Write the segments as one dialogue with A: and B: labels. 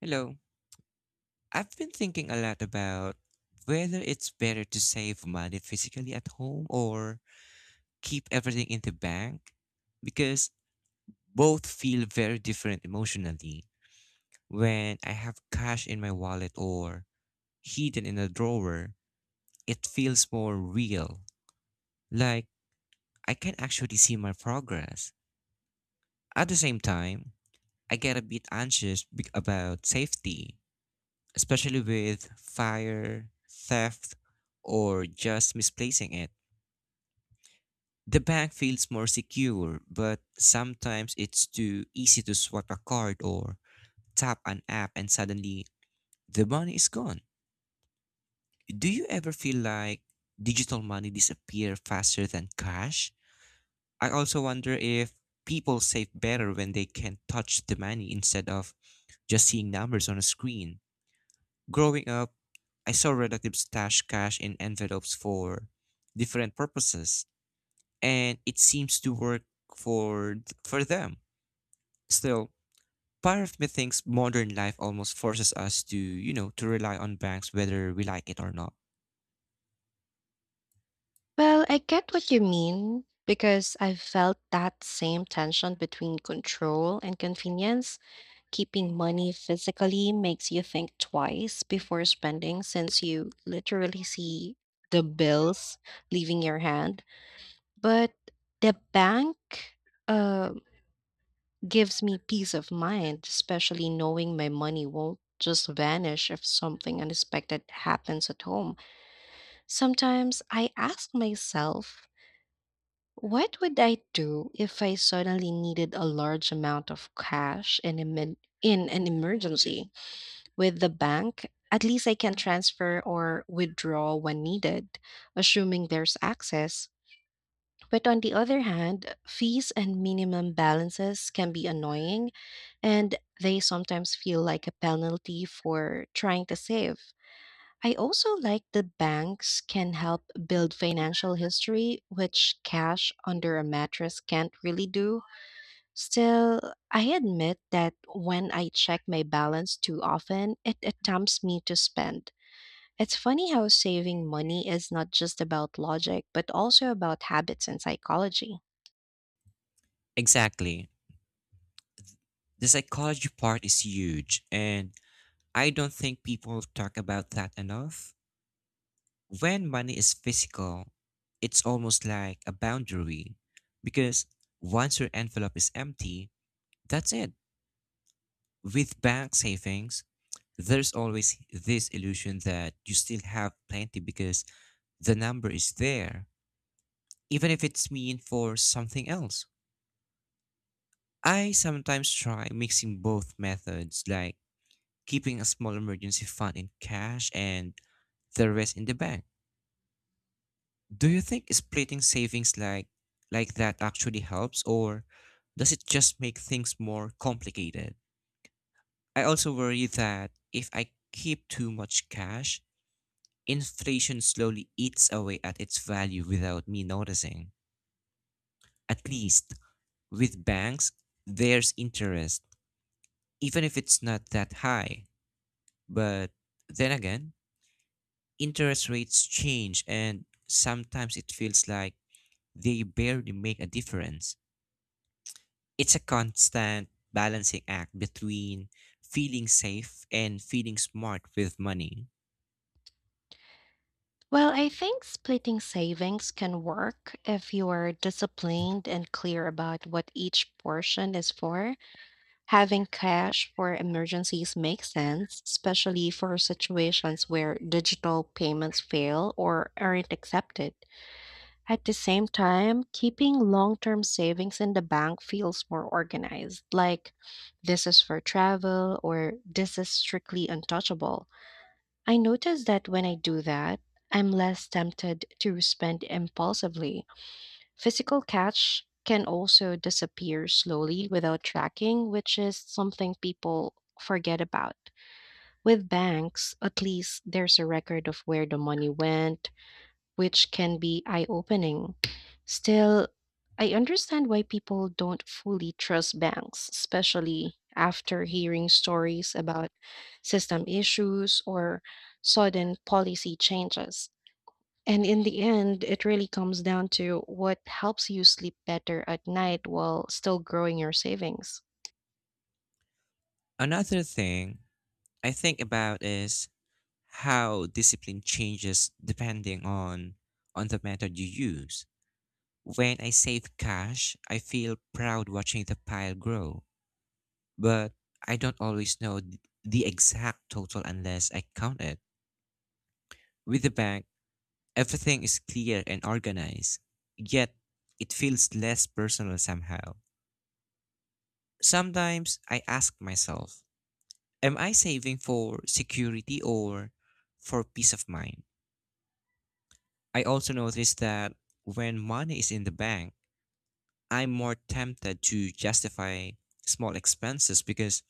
A: Hello. I've been thinking a lot about whether it's better to save money physically at home or keep everything in the bank because both feel very different emotionally. When I have cash in my wallet or hidden in a drawer, it feels more real. Like I can actually see my progress. At the same time, I get a bit anxious about safety, especially with fire, theft, or just misplacing it. The bank feels more secure, but sometimes it's too easy to swipe a card or tap an app and suddenly the money is gone. Do you ever feel like digital money disappear faster than cash? I also wonder if people save better when they can touch the money instead of just seeing numbers on a screen. Growing up, I saw relatives stash cash in envelopes for different purposes, and it seems to work for them. Still, part of me thinks modern life almost forces us to, to rely on banks whether we like it or not.
B: Well, I get what you mean because I've felt that same tension between control and convenience. Keeping money physically makes you think twice before spending since you literally see the bills leaving your hand. But the bank uh, gives me peace of mind, especially knowing my money won't just vanish if something unexpected happens at home. Sometimes I ask myself, what would I do if I suddenly needed a large amount of cash in an emergency? With the bank, at least I can transfer or withdraw when needed, assuming there's access. But on the other hand, fees and minimum balances can be annoying, and they sometimes feel like a penalty for trying to save. I also like that banks can help build financial history, which cash under a mattress can't really do. Still, I admit that when I check my balance too often, it tempts me to spend. It's funny how saving money is not just about logic, but also about habits and psychology.
A: Exactly. The psychology part is huge, and I don't think people talk about that enough. When money is physical, it's almost like a boundary because once your envelope is empty, that's it. With bank savings, there's always this illusion that you still have plenty because the number is there, even if it's mean for something else. I sometimes try mixing both methods, like keeping a small emergency fund in cash and the rest in the bank. Do you think splitting savings like that actually helps or does it just make things more complicated? I also worry that if I keep too much cash, inflation slowly eats away at its value without me noticing. At least with banks, there's interest, even if it's not that high. But then again, interest rates change, and sometimes it feels like they barely make a difference. It's a constant balancing act between feeling safe and feeling smart with money.
B: Well, I think splitting savings can work if you are disciplined and clear about what each portion is for. Having cash for emergencies makes sense, especially for situations where digital payments fail or aren't accepted. At the same time, keeping long term savings in the bank feels more organized, like this is for travel or this is strictly untouchable. I notice that when I do that, I'm less tempted to spend impulsively. Physical cash can also disappear slowly without tracking, which is something people forget about. With banks, at least there's a record of where the money went, which can be eye opening. Still, I understand why people don't fully trust banks, especially after hearing stories about system issues or sudden policy changes. And in the end, it really comes down to what helps you sleep better at night while still growing your savings.
A: Another thing I think about is how discipline changes depending on the method you use. When I save cash, I feel proud watching the pile grow, but I don't always know the exact total unless I count it. With the bank, everything is clear and organized, yet it feels less personal somehow. Sometimes I ask myself, am I saving for security or for peace of mind? I also noticed that when money is in the bank, I'm more tempted to justify small expenses because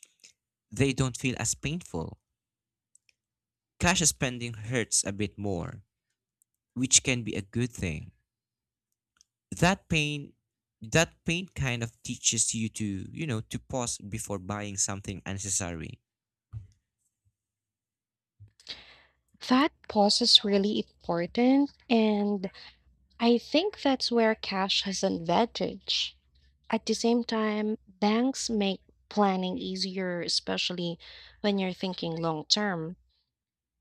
A: they don't feel as painful. Cash spending hurts a bit more, which can be a good thing. That pain that pain kind of teaches you to, to pause before buying something unnecessary.
B: That pause is really important, and I think that's where cash has an advantage. At the same time, banks make planning easier, especially when you're thinking long term.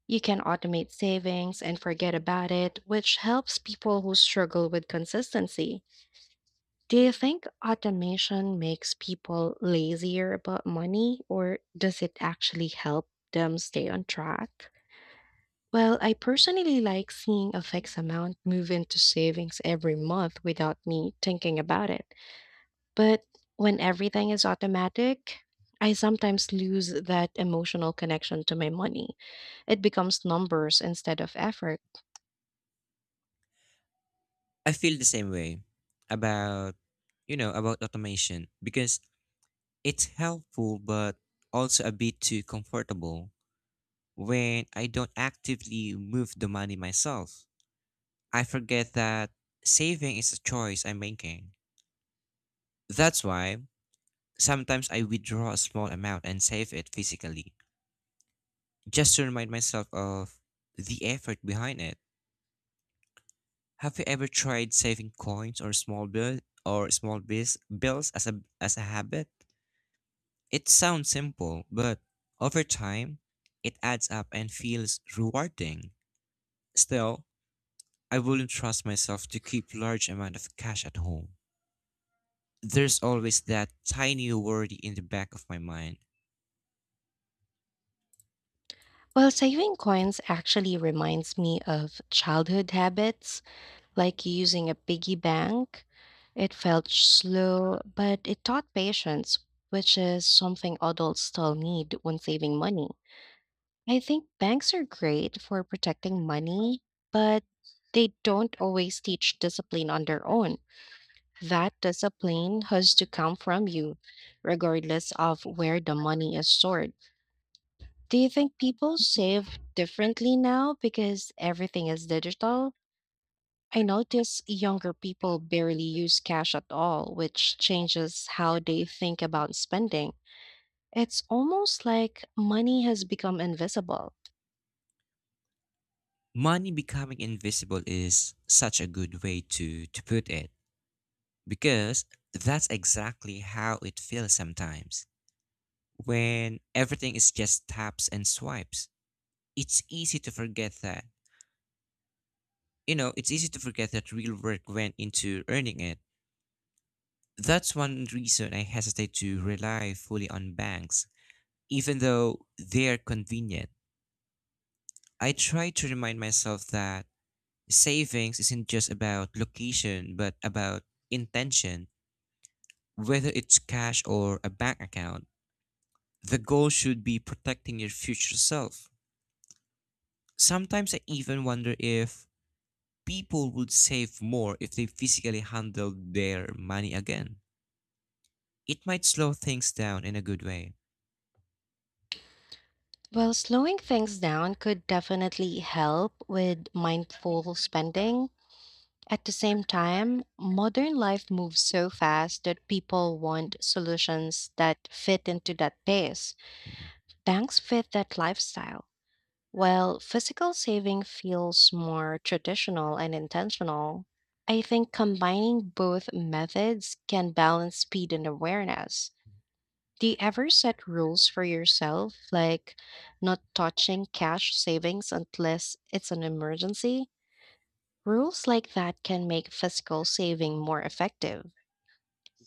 B: You can automate savings and forget about it, which helps people who struggle with consistency. Do you think automation makes people lazier about money, or does it actually help them stay on track? Well, I personally like seeing a fixed amount move into savings every month without me thinking about it. But when everything is automatic, I sometimes lose that emotional connection to my money. It becomes numbers instead of effort.
A: I feel the same way about about automation because it's helpful but also a bit too comfortable. When I don't actively move the money myself. I forget that saving is a choice I'm making. That's why sometimes I withdraw a small amount and save it physically, just to remind myself of the effort behind it. Have you ever tried saving coins or small bill or small bills as a habit? It sounds simple, but over time, it adds up and feels rewarding. Still, I wouldn't trust myself to keep large amount of cash at home. There's always that tiny worry in the back of my mind.
B: Well, saving coins actually reminds me of childhood habits like using a piggy bank. It felt slow, but it taught patience, which is something adults still need when saving money. I think banks are great for protecting money, but they don't always teach discipline on their own. That discipline has to come from you, regardless of where the money is stored. Do you think people save differently now because everything is digital? I notice younger people barely use cash at all, which changes how they think about spending. It's almost like money has become invisible.
A: Money becoming invisible is such a good way to put it because that's exactly how it feels sometimes. When everything is just taps and swipes, it's easy to forget that. It's easy to forget that real work went into earning it. That's one reason I hesitate to rely fully on banks, even though they're convenient. I try to remind myself that savings isn't just about location, but about intention. Whether it's cash or a bank account, the goal should be protecting your future self. Sometimes I even wonder if people would save more if they physically handled their money again. It might slow things down in a good way.
B: Well, slowing things down could definitely help with mindful spending. At the same time, modern life moves so fast that people want solutions that fit into that pace. Banks fit that lifestyle. While physical saving feels more traditional and intentional, I think combining both methods can balance speed and awareness. Do you ever set rules for yourself, like not touching cash savings unless it's an emergency? Rules like that can make physical saving more effective.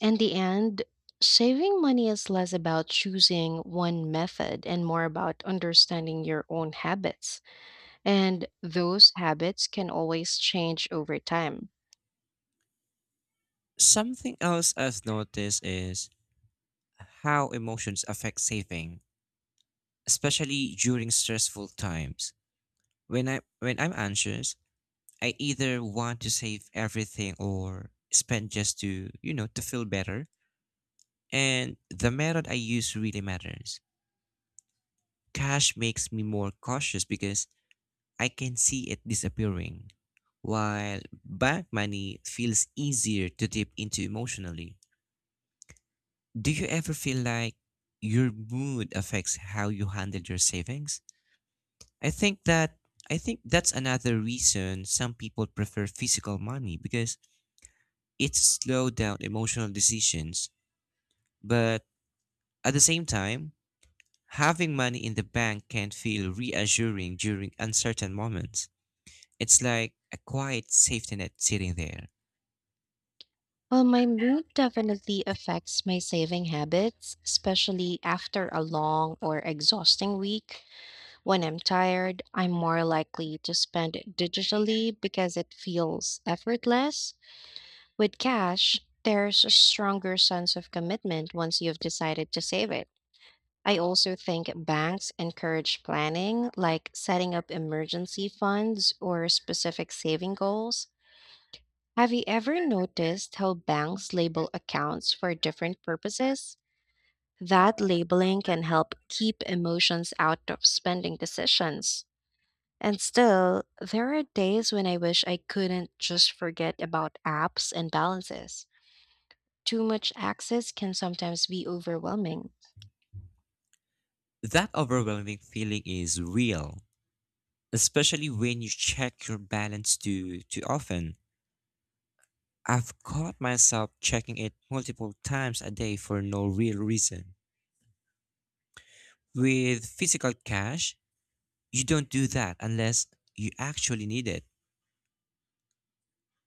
B: In the end, saving money is less about choosing one method and more about understanding your own habits. And those habits can always change over time.
A: Something else I've noticed is how emotions affect saving, especially during stressful times. When I'm anxious, I either want to save everything or spend just to, to feel better. And the method I use really matters. Cash makes me more cautious because I can see it disappearing, while bank money feels easier to dip into emotionally. Do you ever feel like your mood affects how you handle your savings? I think that I think that's another reason some people prefer physical money because it slows down emotional decisions. But at the same time, having money in the bank can feel reassuring during uncertain moments. It's like a quiet safety net sitting there.
B: Well, my mood definitely affects my saving habits, especially after a long or exhausting week. When I'm tired, I'm more likely to spend digitally because it feels effortless. With cash, there's a stronger sense of commitment once you've decided to save it. I also think banks encourage planning, like setting up emergency funds or specific saving goals. Have you ever noticed how banks label accounts for different purposes? That labeling can help keep emotions out of spending decisions. And still, there are days when I wish I couldn't just forget about apps and balances. Too much access can sometimes be overwhelming.
A: That overwhelming feeling is real, especially when you check your balance too often. I've caught myself checking it multiple times a day for no real reason. With physical cash, you don't do that unless you actually need it.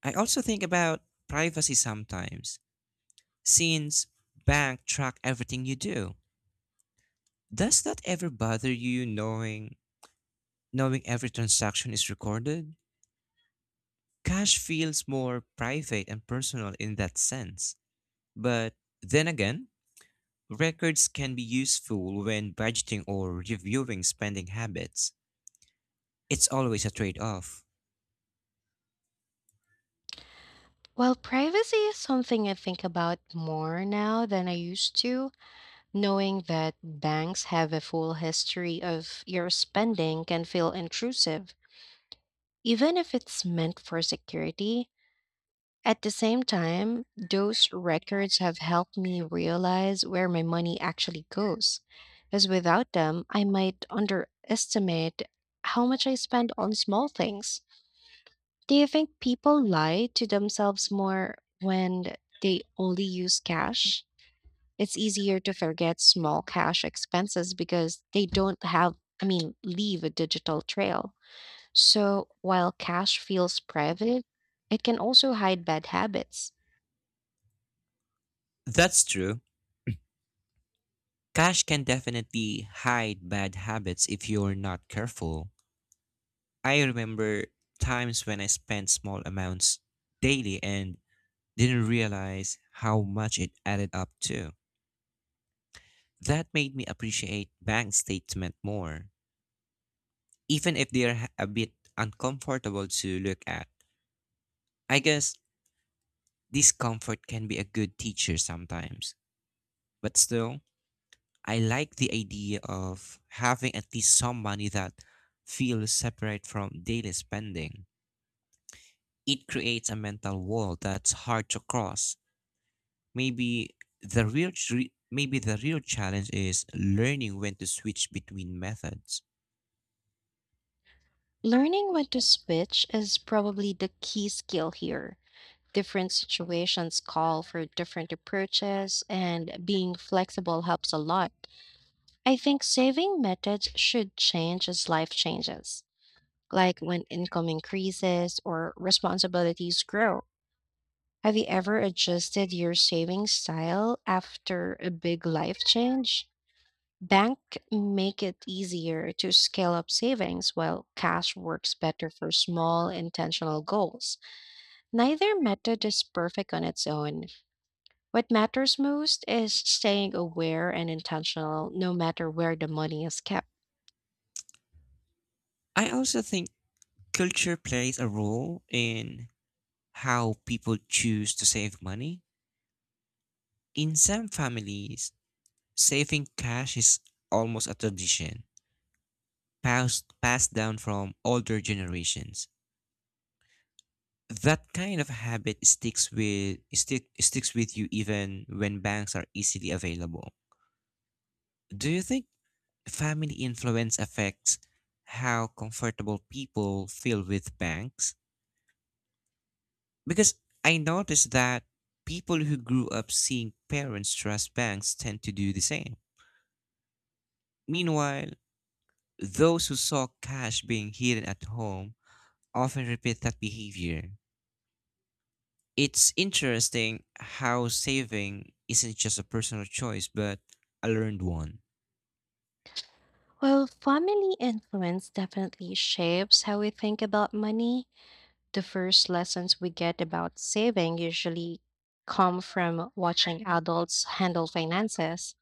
A: I also think about privacy sometimes, since bank track everything you do. Does that ever bother you knowing every transaction is recorded? Cash feels more private and personal in that sense. But then again, records can be useful when budgeting or reviewing spending habits. It's always a trade off.
B: While privacy is something I think about more now than I used to, knowing that banks have a full history of your spending can feel intrusive, even if it's meant for security. At the same time, those records have helped me realize where my money actually goes, because without them, I might underestimate how much I spend on small things. Do you think people lie to themselves more when they only use cash? It's easier to forget small cash expenses because they don't have, I mean, leave a digital trail. So while cash feels private, it can also hide bad habits.
A: That's true. Cash can definitely hide bad habits if you're not careful. I remember times when I spent small amounts daily and didn't realize how much it added up to. That made me appreciate bank statement more, even if they're a bit uncomfortable to look at. I guess discomfort can be a good teacher sometimes, but still, I like the idea of having at least some money that feels separate from daily spending. It creates a mental wall that's hard to cross. Maybe the real challenge is learning when to switch between methods.
B: Learning when to switch is probably the key skill here. Different situations call for different approaches, and being flexible helps a lot. I think saving methods should change as life changes, like when income increases or responsibilities grow. Have you ever adjusted your saving style after a big life change? Bank make it easier to scale up savings while cash works better for small intentional goals. Neither method is perfect on its own. What matters most is staying aware and intentional no matter where the money is kept.
A: I also think culture plays a role in how people choose to save money. In some families, saving cash is almost a tradition, passed down from older generations. That kind of habit sticks with you even when banks are easily available. Do you think family influence affects how comfortable people feel with banks? Because I noticed that people who grew up seeing parents trust banks tend to do the same. Meanwhile, those who saw cash being hidden at home often repeat that behavior. It's interesting how saving isn't just a personal choice, but a learned one.
B: Well, family influence definitely shapes how we think about money. The first lessons we get about saving usually come from watching adults handle finances.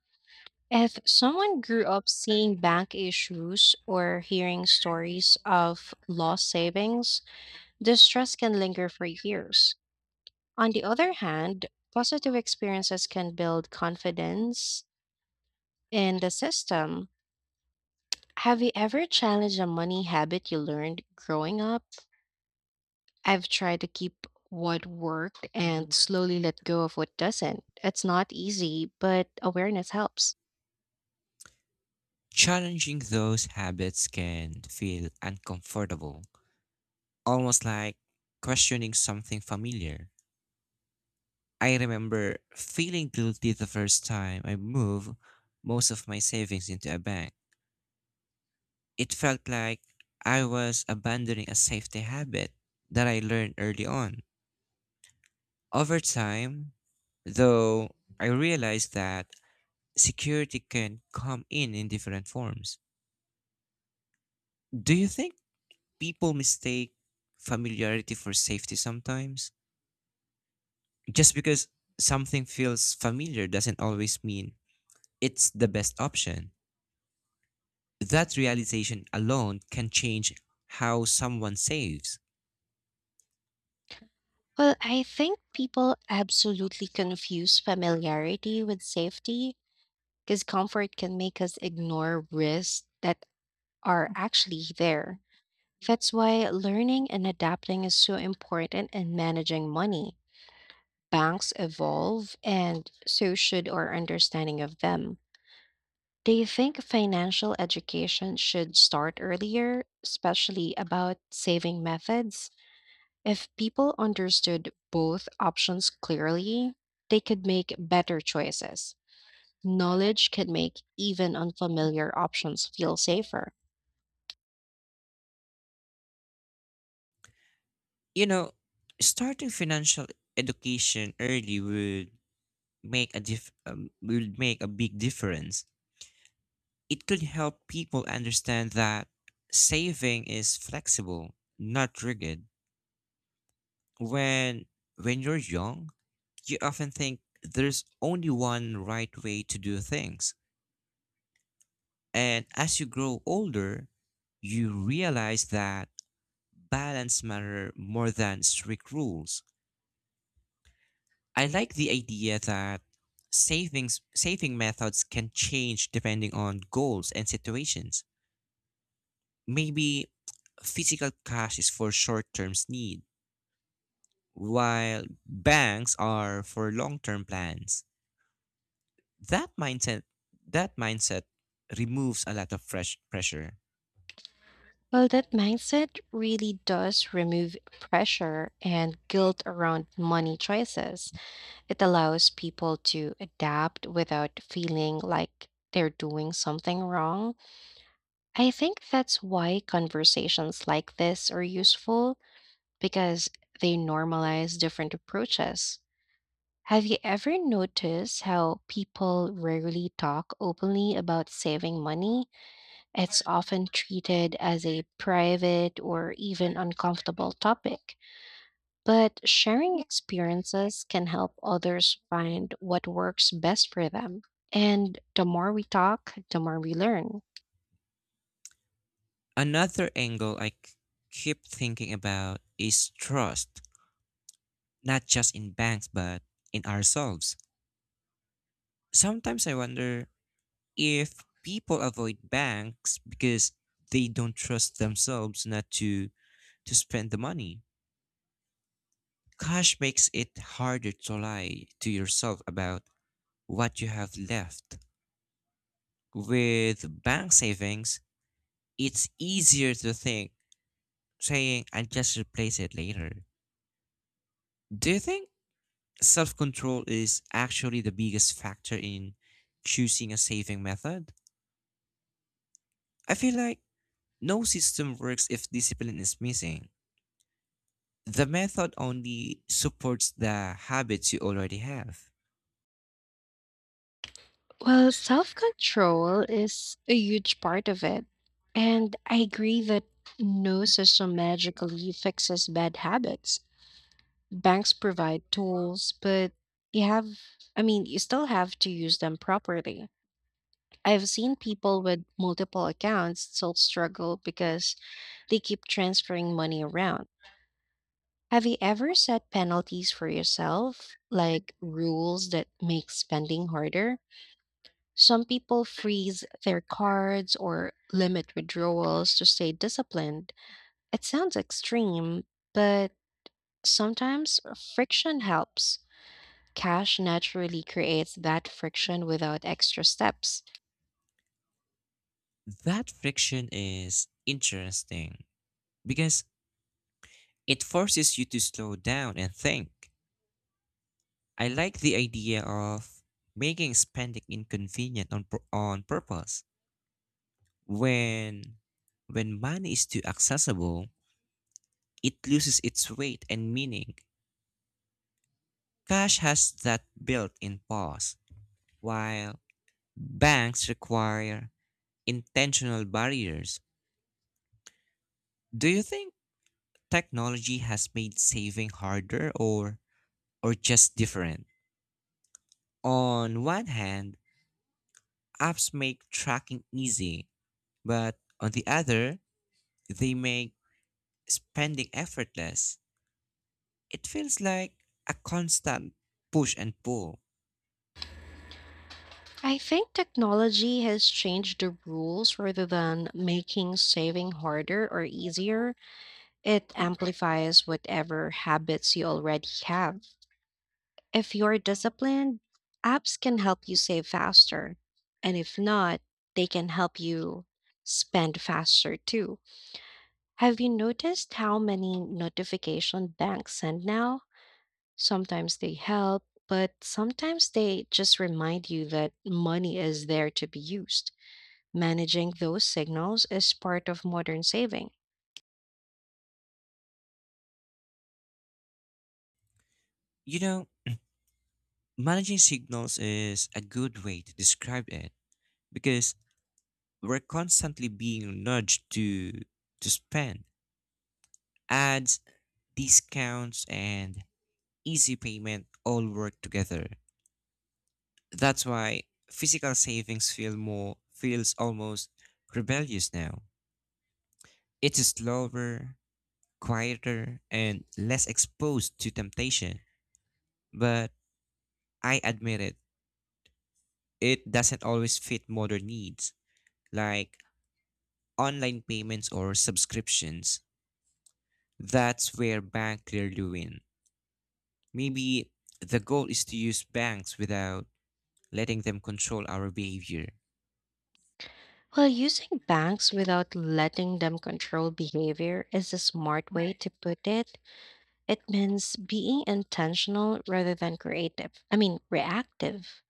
B: If someone grew up seeing bank issues or hearing stories of lost savings, the stress can linger for years. On the other hand, positive experiences can build confidence in the system. Have you ever challenged a money habit you learned growing up? I've tried to keep what worked and slowly let go of what doesn't. It's not easy, but awareness helps.
A: Challenging those habits can feel uncomfortable, almost like questioning something familiar. I remember feeling guilty the first time I moved most of my savings into a bank. It felt like I was abandoning a safety habit that I learned early on. Over time, though, I realized that security can come in different forms. Do you think people mistake familiarity for safety sometimes? Just because something feels familiar doesn't always mean it's the best option. That realization alone can change how someone saves.
B: Well, I think people absolutely confuse familiarity with safety because comfort can make us ignore risks that are actually there. That's why learning and adapting is so important in managing money. Banks evolve, and so should our understanding of them. Do you think financial education should start earlier, especially about saving methods? If people understood both options clearly, they could make better choices. Knowledge can make even unfamiliar options feel safer.
A: You know, starting financial education early would would make a big difference. It could help people understand that saving is flexible, not rigid. When when you're young, you often think there's only one right way to do things. And as you grow older, you realize that balance matter more than strict rules. I like the idea that saving methods can change depending on goals and situations. Maybe physical cash is for short-term need, while banks are for long-term plans. that mindset that mindset removes a lot of fresh pressure.
B: Well, that mindset really does remove pressure and guilt around money choices. It allows people to adapt without feeling like they're doing something wrong. I think that's why conversations like this are useful because they normalize different approaches. Have you ever noticed how people rarely talk openly about saving money? It's often treated as a private or even uncomfortable topic. But sharing experiences can help others find what works best for them. And the more we talk, the more we learn.
A: Another angle I c- keep thinking about is trust, not just in banks but in ourselves. Sometimes I wonder if people avoid banks because they don't trust themselves not to spend the money. Cash makes it harder to lie to yourself about what you have left. With bank savings, it's easier to think, saying I'll just replace it later. Do you think self control is actually the biggest factor in choosing a saving method? I feel like no system works if discipline is missing. The method only supports the habits you already have.
B: Well, self control is a huge part of it. And I agree that no system magically fixes bad habits. Banks provide tools, but you have, I mean, you still have to use them properly. I've seen people with multiple accounts still struggle because they keep transferring money around. Have you ever set penalties for yourself, like rules that make spending harder? Some people freeze their cards or limit withdrawals to stay disciplined. It sounds extreme, but sometimes friction helps. Cash naturally creates that friction without extra steps.
A: That friction is interesting because it forces you to slow down and think. I like the idea of making spending inconvenient on purpose. When when money is too accessible, it loses its weight and meaning. Cash has that built-in pause, while banks require intentional barriers. Do you think technology has made saving harder or just different? On one hand, apps make tracking easy, but on the other, they make spending effortless. It feels like a constant push and pull.
B: I think technology has changed the rules rather than making saving harder or easier. It amplifies whatever habits you already have. If you're disciplined, apps can help you save faster. And if not, they can help you spend faster too. Have you noticed how many notification banks send now? Sometimes they help, but sometimes they just remind you that money is there to be used. Managing those signals is part of modern saving.
A: You know, managing signals is a good way to describe it because we're constantly being nudged to spend. Ads, discounts, and easy payment all work together. That's why physical savings feel more feels almost rebellious now. It is slower, quieter, and less exposed to temptation. But I admit it, it doesn't always fit modern needs. Like online payments or subscriptions, that's where bank clearly win. Maybe the goal is to use banks without letting them control our behavior.
B: While using banks without letting them control behavior is a smart way to put it. It means being intentional rather than creative. I mean, reactive.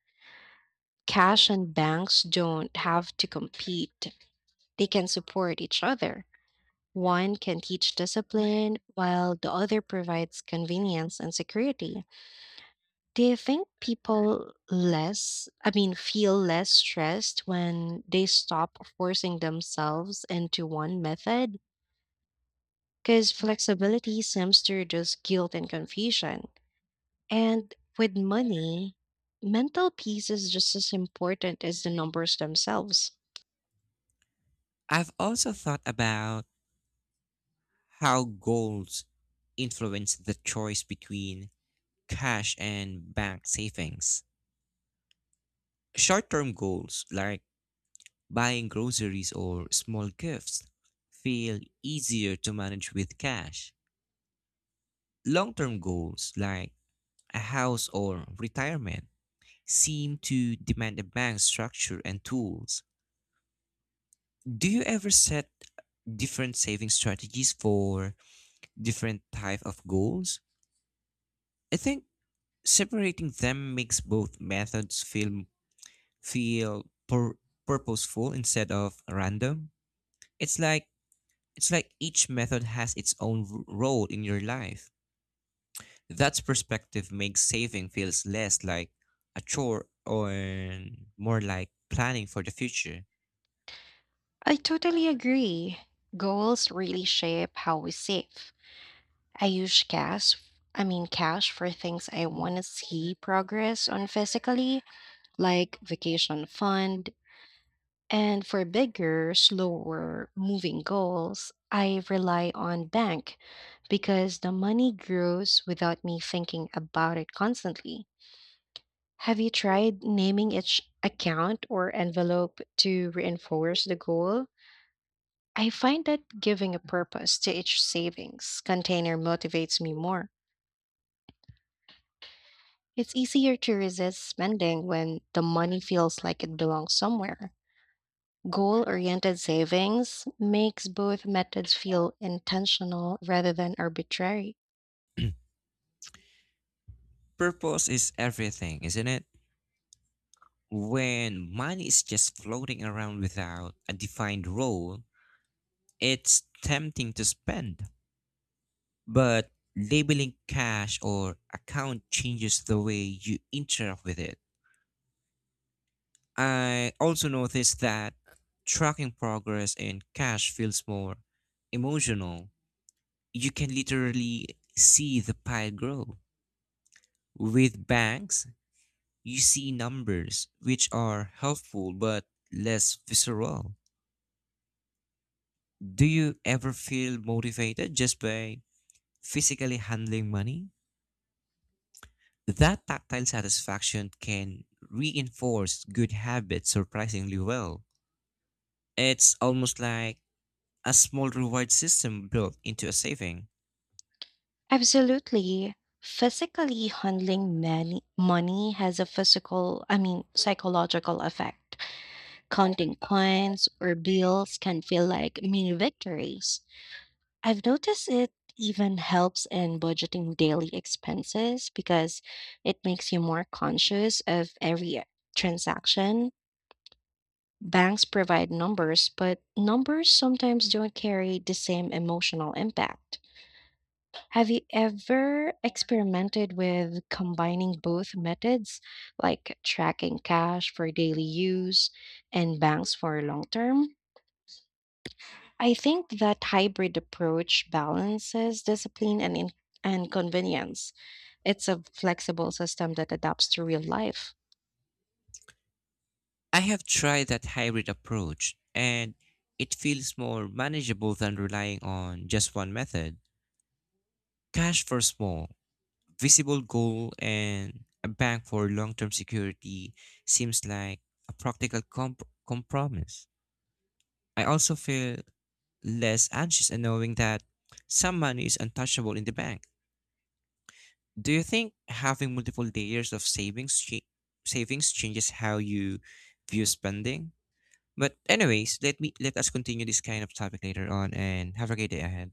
B: Cash and banks don't have to compete, they can support each other. One can teach discipline, while the other provides convenience and security. Do you think people less, I mean, feel less stressed when they stop forcing themselves into one method? Because flexibility seems to reduce guilt and confusion. And with money, mental peace is just as important as the numbers themselves.
A: I've also thought about how goals influence the choice between cash and bank savings. Short term goals like buying groceries or small gifts feel easier to manage with cash. Long term goals like a house or retirement seem to demand a bank's structure and tools. Do you ever set different saving strategies for different type of goals? I think separating them makes both methods feel pur- purposeful instead of random. It's like it's like each method has its role in your life. That perspective makes saving feels less like a chore or more like planning for the future.
B: I totally agree. Goals really shape how we save. I use cash, I mean cash for things I want to see progress on physically, like vacation fund, and for bigger, slower moving goals, I rely on bank because the money grows without me thinking about it constantly. Have you tried naming each account or envelope to reinforce the goal? I find that giving a purpose to each savings container motivates me more. It's easier to resist spending when the money feels like it belongs somewhere. Goal oriented savings makes both methods feel intentional rather than arbitrary.
A: Purpose is everything, isn't it? When money is just floating around without a defined role, it's tempting to spend. But labeling cash or account changes the way you interact with it. I also noticed that tracking progress in cash feels more emotional. You can literally see the pile grow. With banks, you see numbers which are helpful but less visceral. Do you ever feel motivated just by physically handling money? That tactile satisfaction can reinforce good habits surprisingly well. It's almost like a small reward system built into a saving.
B: Absolutely. Physically handling many, money has a physical, I mean, psychological effect. Counting coins or bills can feel like mini victories. I've noticed it even helps in budgeting daily expenses because it makes you more conscious of every transaction. Banks provide numbers, but numbers sometimes don't carry the same emotional impact. Have you ever experimented with combining both methods, like tracking cash for daily use and banks for long term? I think that hybrid approach balances discipline and convenience. It's a flexible system that adapts to real life.
A: I have tried that hybrid approach and it feels more manageable than relying on just one method. Cash for small, visible goal and a bank for long-term security seems like a practical compromise. I also feel less anxious in knowing that some money is untouchable in the bank. Do you think having multiple layers of savings changes how you view spending? But anyways, let us continue this kind of topic later on and have a great day ahead.